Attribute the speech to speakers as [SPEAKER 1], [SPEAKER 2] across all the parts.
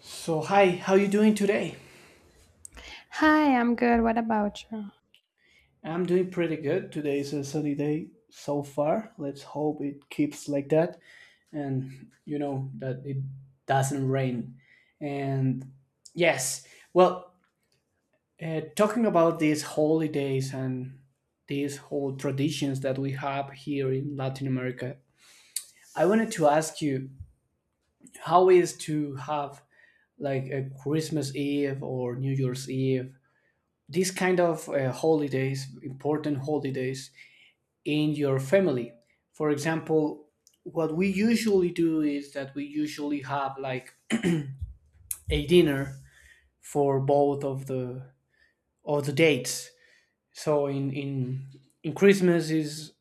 [SPEAKER 1] So hi, how you doing today?
[SPEAKER 2] Hi, I'm good. What about you?
[SPEAKER 1] I'm doing pretty good. Today is a sunny day so far. Let's hope it keeps like that and you know that it doesn't rain. And yes, well, talking about these holidays and these whole traditions that we have here in Latin America, I wanted to ask you how is to have like a Christmas Eve or New Year's Eve, these kind of holidays, important holidays in your family. For example, what we usually do is that we usually have like a dinner for both of the dates. So in Christmas is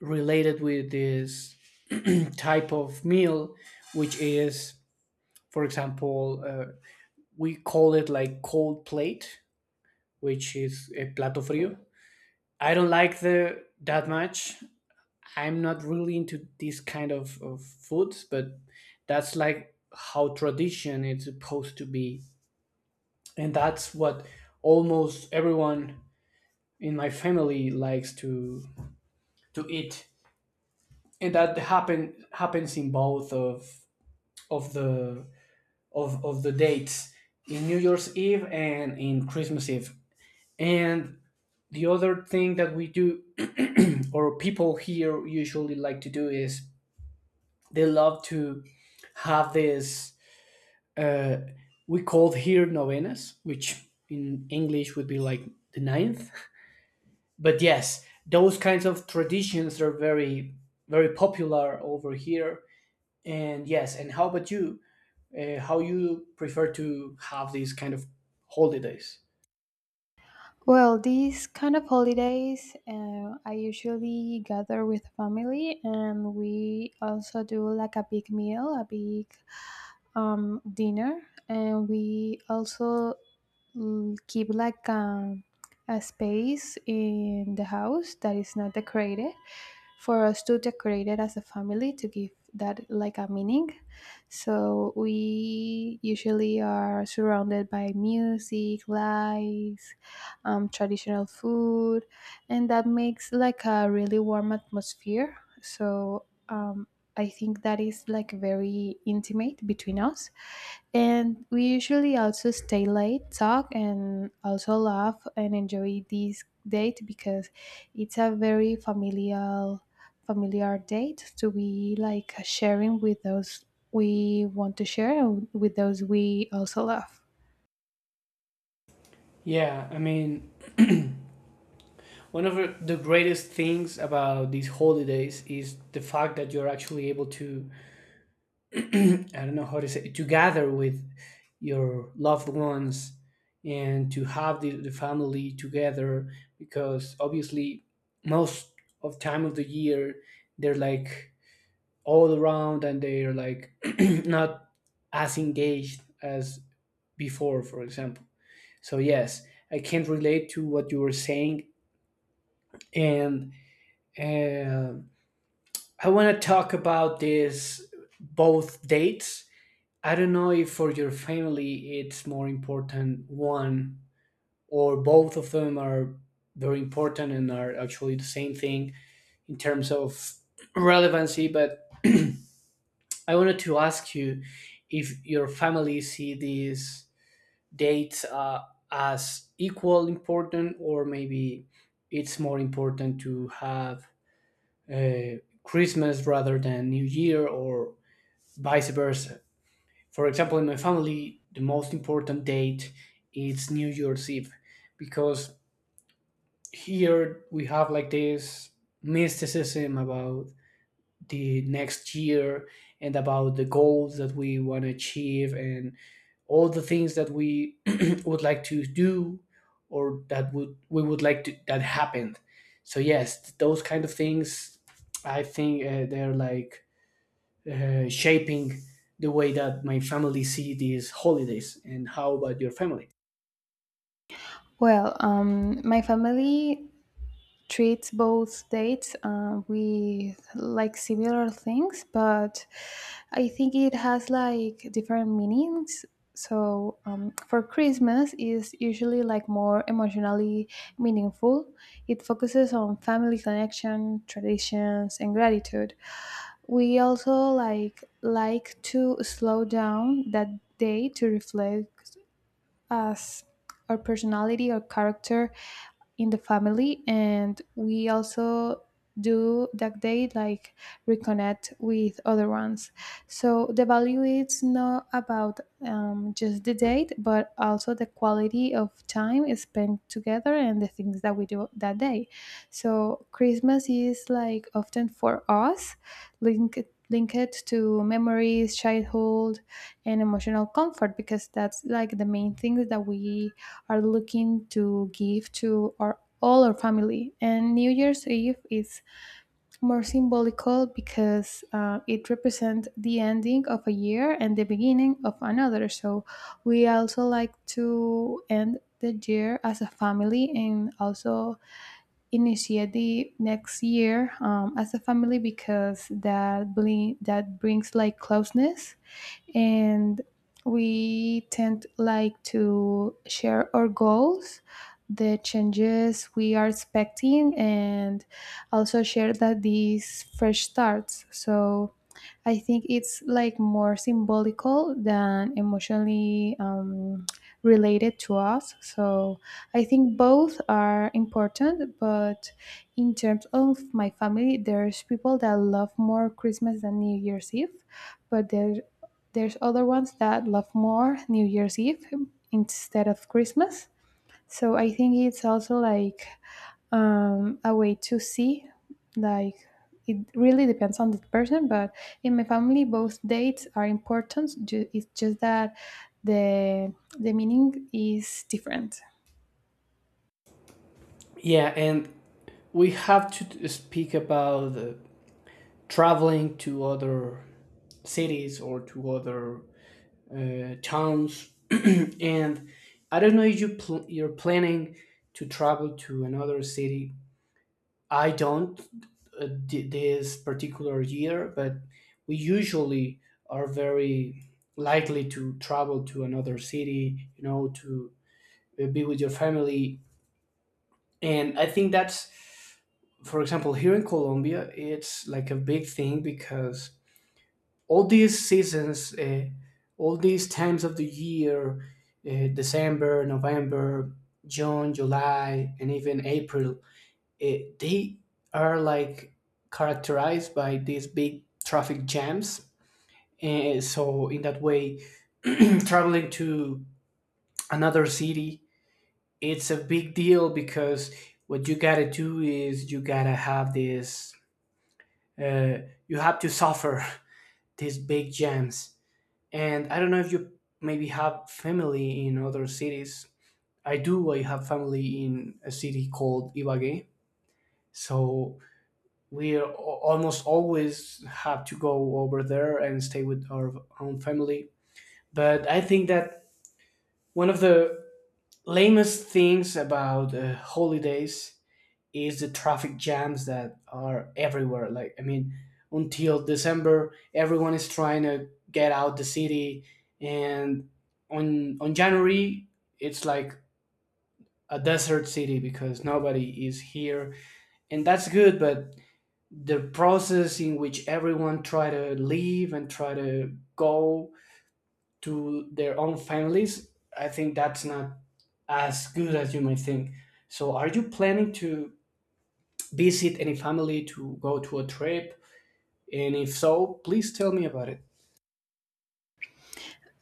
[SPEAKER 1] related with this type of meal, which is, for example, we call it like cold plate, which is a plato frio. I don't like the that much. I'm not really into this kind of foods, but that's like how tradition is supposed to be. And that's what almost everyone in my family likes to eat. And that happens in both of the of the dates, in New Year's Eve and in Christmas Eve. And the other thing that we do or people here usually like to do is they love to have this uh, we called here novenas, which in English would be like the ninth. But yes, those kinds of traditions are very, very popular over here. And yes, and how about you? How you prefer to have these kind of holidays?
[SPEAKER 2] Well, these kind of holidays, I usually gather with family, and we also do like a big meal, a big dinner, and we also keep like a space in the house that is not decorated for us to decorate it as a family to give that like a meaning. So we usually are surrounded by music, lights, traditional food, and that makes like a really warm atmosphere. So I think that is like very intimate between us. And we usually also stay late, talk, and also laugh and enjoy this date because it's a very familial, familiar date to be like sharing with those we want to share and with those we also love.
[SPEAKER 1] Yeah, I mean, one of the greatest things about these holidays is the fact that you're actually able to, I don't know how to say, to gather with your loved ones and to have the family together because obviously most of time of the year they're like all around and they're like not as engaged as before, for example. So yes, I can not relate to what you were saying. And um I want to talk about this both dates. I don't know if for your family it's more important one, or both of them are very important and are actually the same thing in terms of relevancy, but I wanted to ask you if your family see these dates, as equal important, or maybe it's more important to have uh, Christmas rather than New Year or vice versa. For example, in my family, the most important date is New Year's Eve because here we have like this mysticism about the next year, and about the goals that we want to achieve and all the things that we would like to do, or that would we would like to that happened. So yes, those kind of things, I think they're like shaping the way that my family see these holidays. And how about your family?
[SPEAKER 2] Well, my family treat both dates with like similar things, but I think it has like different meanings. So for Christmas is usually like more emotionally meaningful. It focuses on family connection, traditions, and gratitude. We also like to slow down that day to reflect as our personality or character in the family, and we also do that day like reconnect with other ones. So the value is not about just the date but also the quality of time spent together and the things that we do that day. So Christmas is like often for us linked linked to memories, childhood, and emotional comfort because that's like the main things that we are looking to give to our all our family. And New Year's Eve is more symbolical because it represents the ending of a year and the beginning of another. So we also like to end the year as a family and also initiate the next year as a family because that brings like closeness, and we tend like to share our goals, the changes we are expecting, and also share that these fresh starts. So I think it's like more symbolical than emotionally related to us. So I think both are important, but in terms of my family, there's people that love more Christmas than New Year's Eve, but there's other ones that love more New Year's Eve instead of Christmas. So I think it's also like a way to see, like it really depends on the person. But in my family, both dates are important. It's just that the the meaning is different.
[SPEAKER 1] Yeah. And we have to speak about traveling to other cities or to other towns. And I don't know if you you're planning to travel to another city. I don't this particular year, but we usually are very likely to travel to another city, you know, to be with your family. And I think that's, for example, here in Colombia, it's like a big thing because all these seasons, all these times of the year, December, November, June, July, and even April, they are like characterized by these big traffic jams. And so, in that way, traveling to another city, it's a big deal because what you gotta do is you gotta have uh, you have to suffer these big jams. And I don't know if you maybe have family in other cities. I do, I have family in a city called Ibagué. So we are almost always have to go over there and stay with our own family. But I think that one of the lamest things about holidays is the traffic jams that are everywhere. Like, I mean, until December, everyone is trying to get out the city, and on January, it's like a desert city because nobody is here, and that's good. But the process in which everyone try to leave and try to go to their own families, I think that's not as good as you might think. So are you planning to visit any family, to go to a trip? And if so, please tell me about it.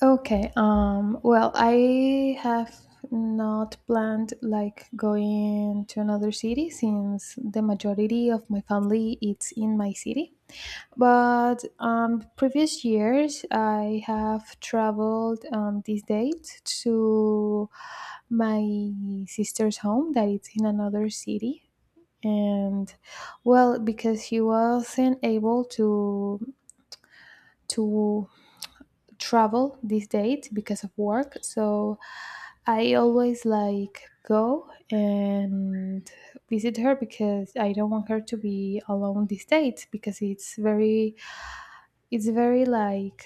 [SPEAKER 2] Okay. Well, I have not planned like going to another city since the majority of my family it's in my city. But previous years, I have traveled this date to my sister's home that it's in another city, and well, because he wasn't able to to travel this date because of work, so I always like go and visit her because I don't want her to be alone this date because it's very like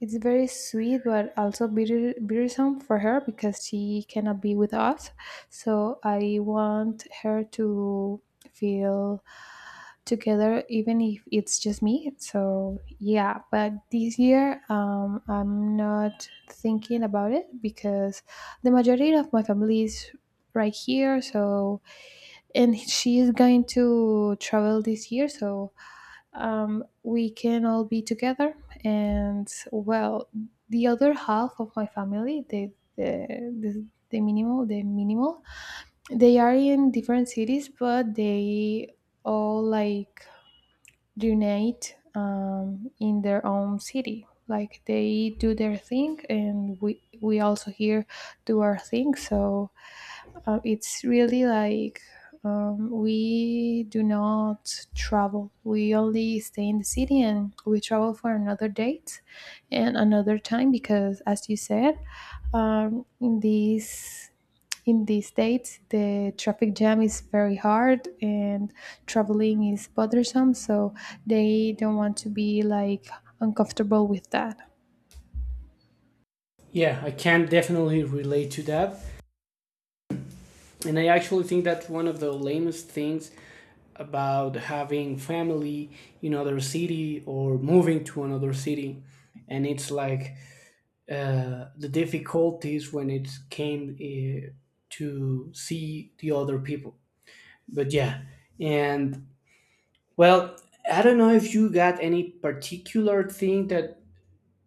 [SPEAKER 2] it's very sweet, but also bitter, bittersome for her because she cannot be with us. So I want her to feel together, even if it's just me. So yeah, but this year I'm not thinking about it because the majority of my family is right here. So and she is going to travel this year. So we can all be together. And well, the other half of my family, the minimal, they are in different cities, but they all like unite in their own city. Like they do their thing, and we also here do our thing. So it's really like we do not travel. We only stay in the city and we travel for another date and another time because, as you said, um, in these in these states the traffic jam is very hard and traveling is bothersome, so they don't want to be like uncomfortable with that.
[SPEAKER 1] Yeah, I can definitely relate to that. And I actually think that's one of the lamest things about having family in other city or moving to another city, and it's like the difficulties when it came to see the other people. But yeah, and well, I don't know if you got any particular thing that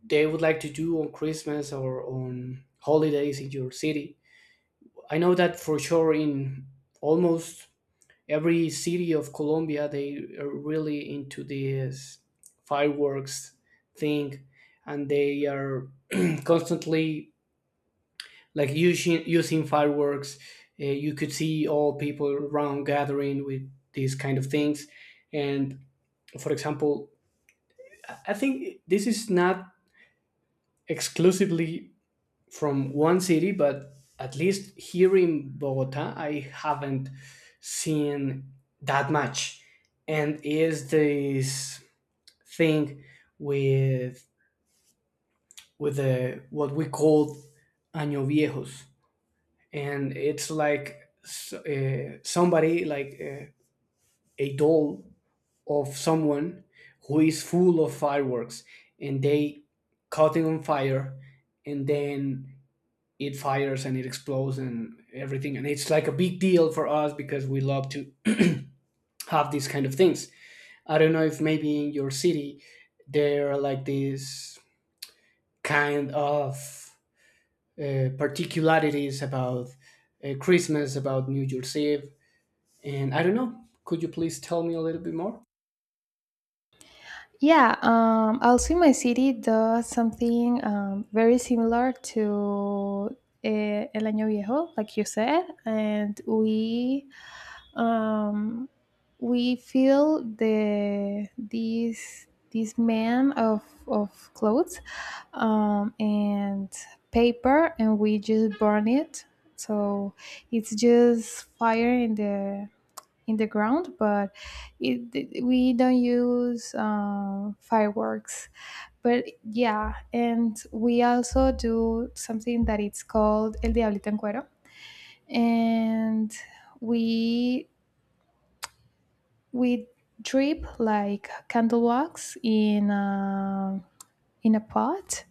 [SPEAKER 1] they would like to do on Christmas or on holidays in your city. I know that for sure in almost every city of Colombia they are really into this fireworks thing, and they are constantly like using fireworks. You could see all people around gathering with these kind of things. And for example, I think this is not exclusively from one city, but at least here in Bogota, I haven't seen that much. And is this thing with with the what we call año viejos, and it's like somebody like a doll of someone who is full of fireworks, and they caught it on fire, and then it fires and it explodes and everything, and it's like a big deal for us because we love to have these kind of things. I don't know if maybe in your city there are like these kind of particularities about Christmas, about New Year's Eve. And I don't know, could you please tell me a little bit more?
[SPEAKER 2] Yeah, also in my city does something very similar to El Año Viejo, like you said, and um, we feel the these this man of clothes and paper, and we just burn it. So it's just fire in the ground, but we don't use fireworks. But yeah, and we also do something that it's called El Diablito en Cuero, and we we drip like candle wax in a pot,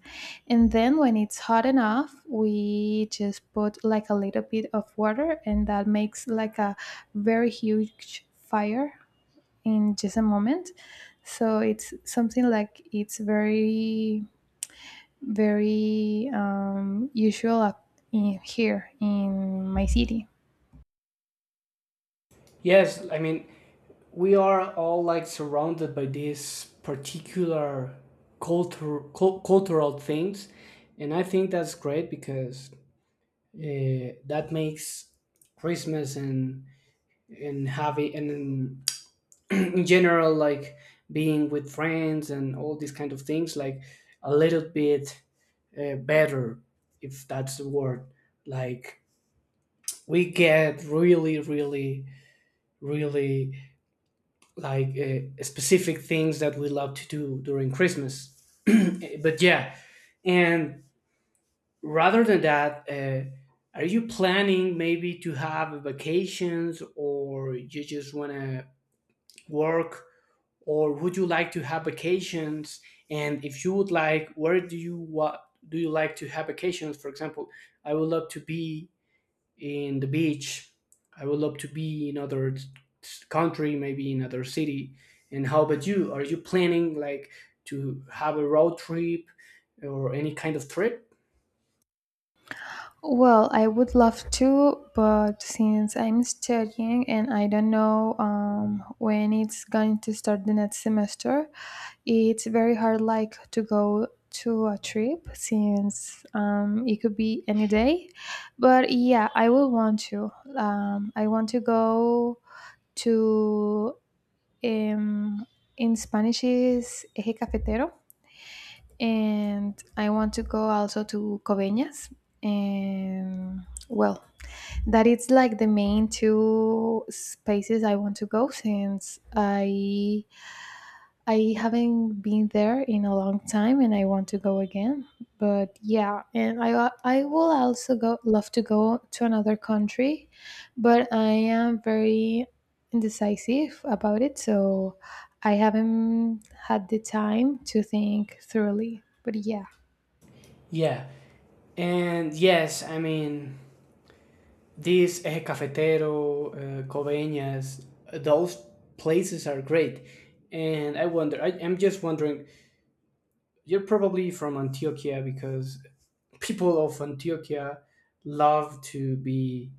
[SPEAKER 2] and then when it's hot enough, we just put like a little bit of water, and that makes like a very huge fire in just a moment. So it's something like it's very, very usual up in, here in my city.
[SPEAKER 1] Yes, I mean, we are all like surrounded by these particular cultural things. And I think that's great because that makes Christmas and having and in in general like being with friends and all these kind of things like a little bit better, if that's the word. Like we get really really really like specific things that we love to do during Christmas. But yeah, and rather than that, are you planning maybe to have vacations, or you just want to work, or would you like to have vacations? And if you would like, where do you what do you like to have vacations? For example, I would love to be in the beach. I would love to be in other country, maybe in other city. And how about you? Are you planning like to have a road trip or any kind of trip?
[SPEAKER 2] Well, I would love to, but since I'm studying and I don't know when it's going to start the next semester, it's very hard like to go to a trip since it could be any day. But yeah, I will want to I want to go to um, in Spanish is eje cafetero, and I want to go also to Coveñas. And well, that it's like the main two spaces I want to go since I haven't been there in a long time and I want to go again. But yeah, and I will also go love to go to another country, but I am very indecisive about it, so I haven't had the time to think thoroughly. But yeah.
[SPEAKER 1] Yeah. And yes, I mean, these Eje Cafetero, Coveñas, those places are great. And I'm just wondering, you're probably from Antioquia because people of Antioquia love to be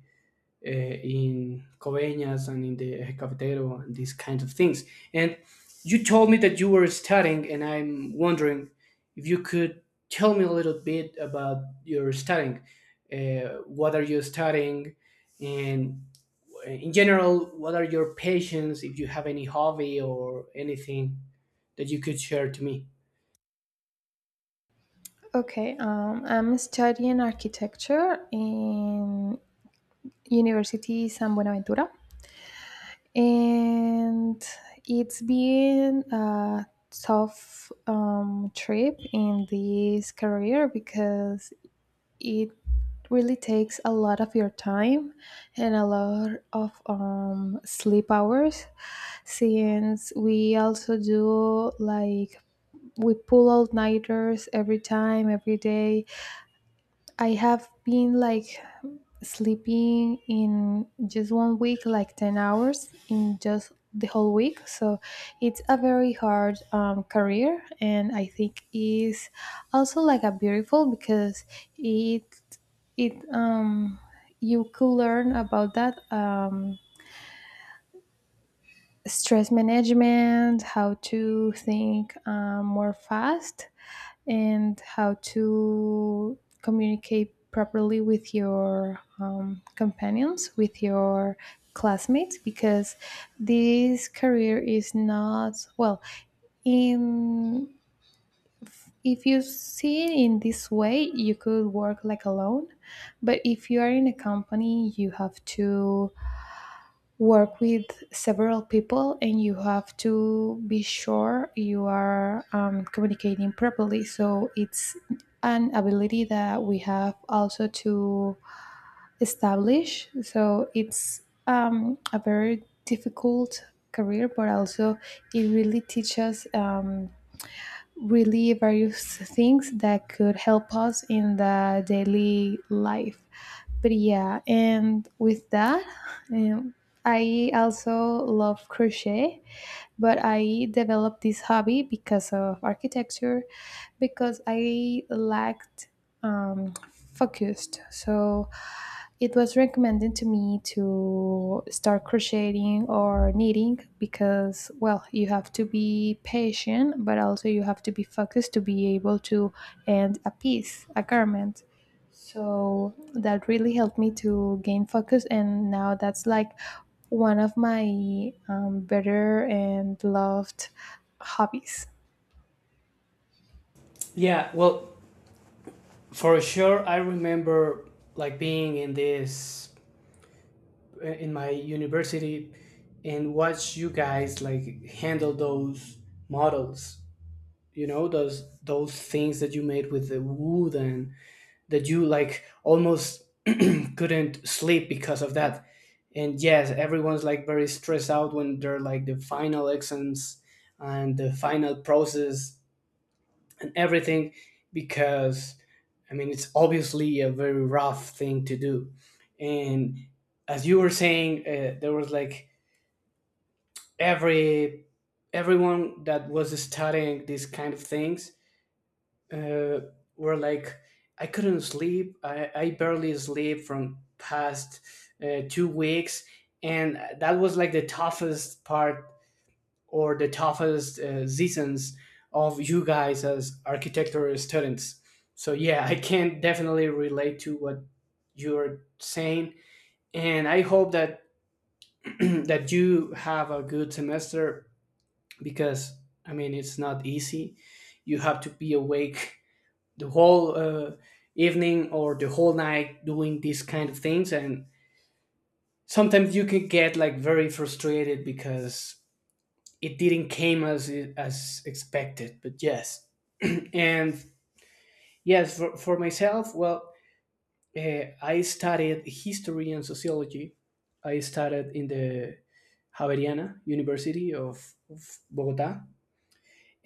[SPEAKER 1] in Coveñas and in the Eje Cafetero and these kinds of things. And you told me that you were studying, and I'm wondering if you could tell me a little bit about your studying. What are you studying? And in general, what are your passions? If you have any hobby or anything that you could share to me.
[SPEAKER 2] Okay, I'm studying architecture in University San Buenaventura, and it's been a tough trip in this career because it really takes a lot of your time and a lot of sleep hours since we also do like we pull all nighters every time every day. I have been like sleeping in just 1 week, like 10 hours in just the whole week. So it's a very hard career. And I think is also like a beautiful because it, it, um, you could learn about that. Stress management, how to think more fast, and how to communicate properly with your companions, with your classmates, because this career is not, well, in if you see it in this way you could work like alone, but if you are in a company you have to work with several people and you have to be sure you are communicating properly. So it's an ability that we have also to establish. So it's a very difficult career, but also it really teaches really various things that could help us in the daily life. But yeah, and with that, um, I also love crochet, but I developed this hobby because of architecture, because I lacked um, focused. So it was recommended to me to start crocheting or knitting because, well, you have to be patient, but also you have to be focused to be able to end a piece, a garment. So that really helped me to gain focus, and now that's like one of my better and loved hobbies.
[SPEAKER 1] Yeah, well, for sure, I remember like being in my university, and watch you guys like handle those models, those things that you made with the wood, and that you like almost couldn't sleep because of that. And yes, everyone's like very stressed out when they're like the final exams and the final process and everything, because I mean it's obviously a very rough thing to do. And as you were saying, there was like every everyone that was studying these kind of things uh, were like, I couldn't sleep. I barely sleep from past 2 weeks. And that was like the toughest part, or the toughest seasons of you guys as architecture students. So yeah, I can definitely relate to what you're saying. And I hope that that you have a good semester, because I mean it's not easy. You have to be awake the whole evening or the whole night doing these kind of things, and sometimes you can get like very frustrated because it didn't came as expected. But yes, and yes, for myself, well, I studied history and sociology. I studied in the Javeriana University of Bogota,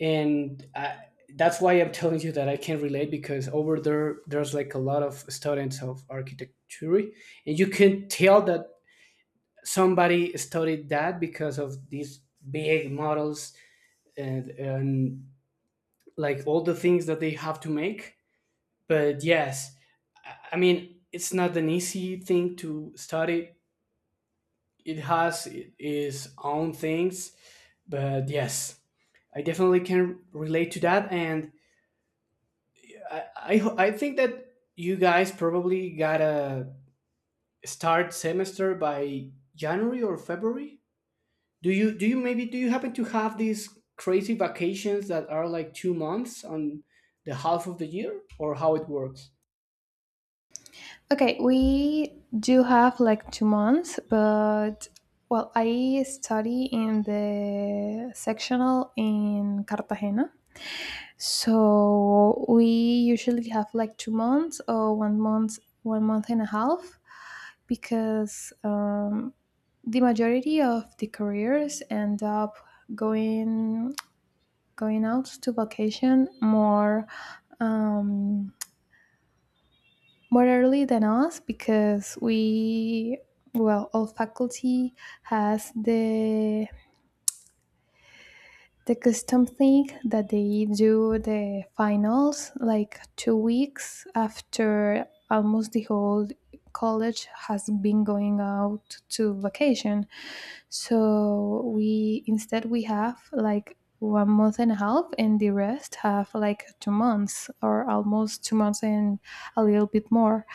[SPEAKER 1] and that's why I'm telling you that I can relate, because over there there's like a lot of students of architecture, and you can tell that somebody studied that because of these big models and like all the things that they have to make. But yes, I mean it's not an easy thing to study. It has its own things, but yes, I definitely can relate to that, and I think that you guys probably gotta start semester by January or February. Do you maybe do you happen to have these crazy vacations that are like 2 months on the half of the year, or how it works?
[SPEAKER 2] Okay, we do have like 2 months, but well, I study in the sectional in Cartagena. So we usually have like 2 months or 1 month, 1 month and a half, because the majority of the careers end up going going out to vacation more um, more early than us because we well all faculty has the custom thing that they do the finals like 2 weeks after almost the whole college has been going out to vacation. So we instead we have like 1 month and a half and the rest have like 2 months or almost 2 months and a little bit more.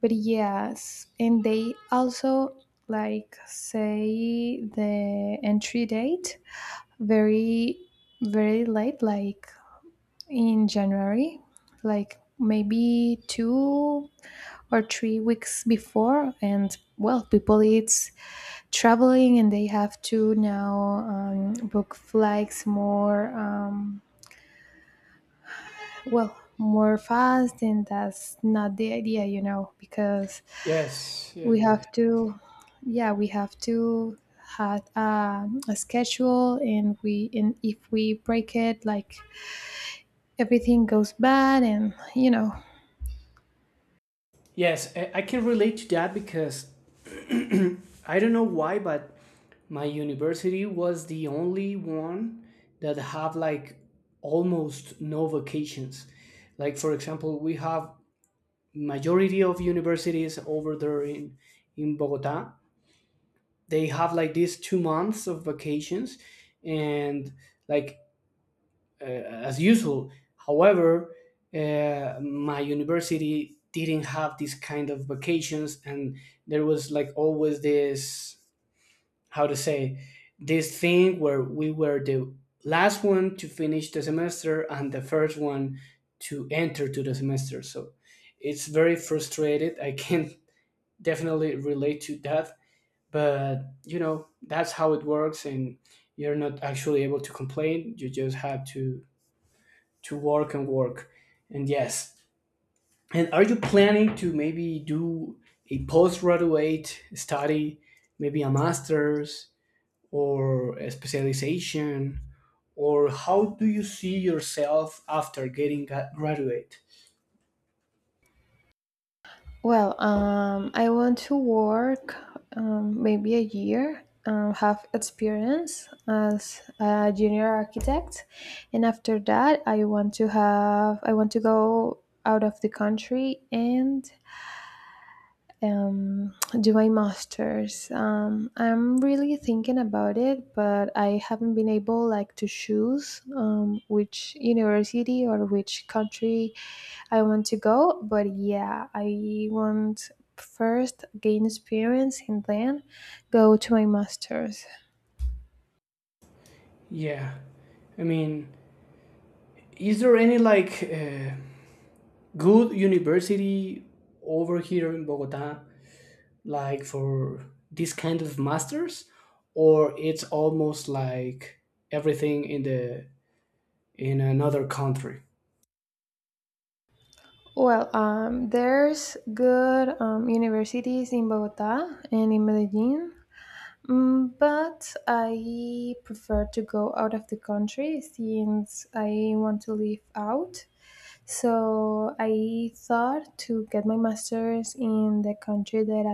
[SPEAKER 2] But yes, and they also like say the entry date very very late, like in January, like maybe 2 or 3 weeks before, and well people it's traveling and they have to now book flights more well more fast, and that's not the idea, you know, because
[SPEAKER 1] Yes, yes,
[SPEAKER 2] we
[SPEAKER 1] yes, yes,
[SPEAKER 2] have to yeah we have to had a schedule, and we and if we break it like everything goes bad, and you know.
[SPEAKER 1] yes. I can relate to that because I don't know why, but my university was the only one that have like almost no vacations. Like for example, we have majority of universities over there in Bogota. They have like these 2 months of vacations and like as usual. However, my university didn't have this kind of vacations, and there was like always this, how to say, this thing where we were the last one to finish the semester and the first one to enter to the semester. So it's very frustrated. I can't definitely relate to that, but you know that's how it works, and you're not actually able to complain. You just have to work and work. And yes, and are you planning to maybe do a postgraduate study, maybe a master's or a specialization, or how do you see yourself after getting graduate?
[SPEAKER 2] Well, I want to work maybe a year have experience as a junior architect, and after that I want to go out of the country and um, do my masters. I'm really thinking about it, but I haven't been able like to choose which university or which country I want to go. But yeah, I want first gain experience and then go to my masters.
[SPEAKER 1] Yeah, I mean, is there any like good university over here in Bogota, like for this kind of masters, or it's almost like everything in the in another country?
[SPEAKER 2] Well, there's good universities in Bogota and in Medellin. Mm, but I prefer to go out of the country since I want to live out. So I thought to get my master's in the country that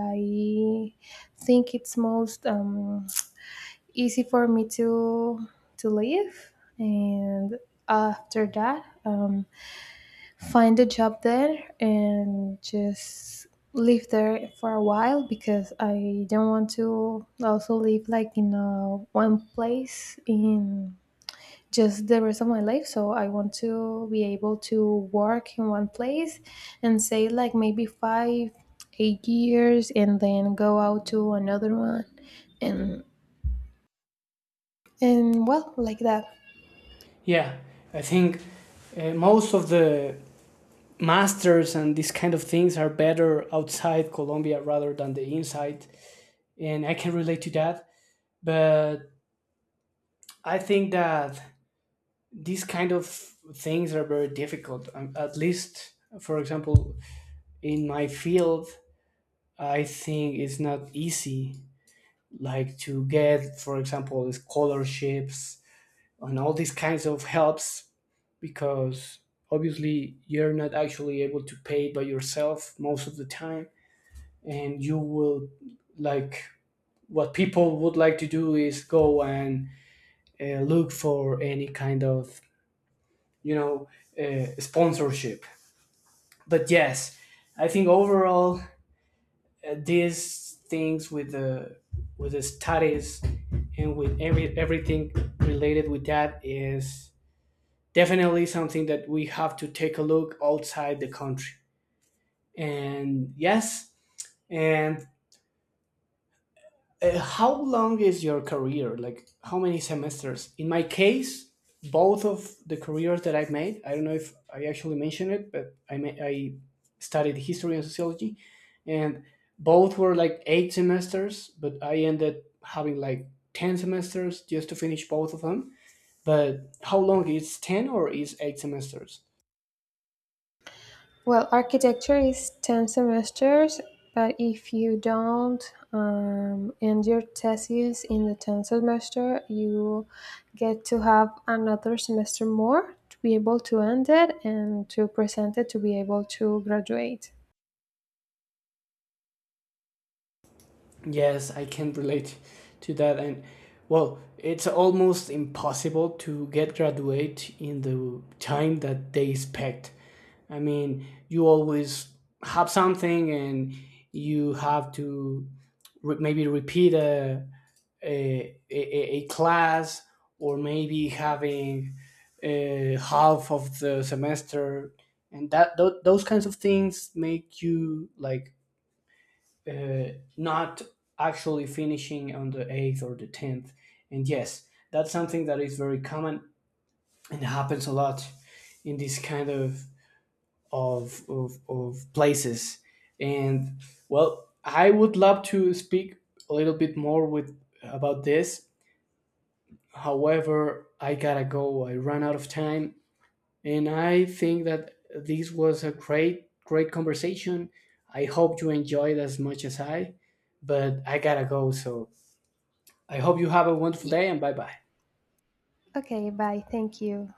[SPEAKER 2] I think it's most easy for me to live, and after that, find a job there and just live there for a while because I don't want to also live like in a one place in just the rest of my life. So I want to be able to work in one place and say like maybe five, 8 years and then go out to another one, and well like that.
[SPEAKER 1] Yeah, I think most of the masters and these kind of things are better outside Colombia rather than the inside, and I can relate to that. But I think that these kind of things are very difficult. At least, for example, in my field, I think it's not easy like to get for example scholarships and all these kinds of helps, because obviously you're not actually able to pay by yourself most of the time, and you will like, what people would like to do is go and look for any kind of, you know, sponsorship. But yes, I think overall, these things with the studies and with everything related with that is definitely something that we have to take a look outside the country. And yes, and how long is your career? Like, how many semesters? In my case, both of the careers that I've made, I don't know if I actually mentioned it, but I studied history and sociology, and both were like eight semesters, but I ended having like 10 semesters just to finish both of them. But how long is 10, or is eight semesters?
[SPEAKER 2] Well, architecture is 10 semesters, but if you don't end your thesis in the 10th semester, you get to have another semester more to be able to end it and to present it to be able to graduate.
[SPEAKER 1] Yes, I can relate to that. And well, it's almost impossible to get graduate in the time that they expect. I mean, you always have something, and you have to maybe repeat a class, or maybe having half of the semester. And that those kinds of things make you like not actually finishing on the 8th or the 10th. And yes, that's something that is very common and happens a lot in this kind of of places. And well, I would love to speak a little bit more with about this. However, I gotta go. I ran out of time, and I think that this was a great conversation. I hope you enjoyed as much as I, but I gotta go. So I hope you have a wonderful
[SPEAKER 2] Y-
[SPEAKER 1] day, and bye bye.
[SPEAKER 2] Okay, bye. Thank you.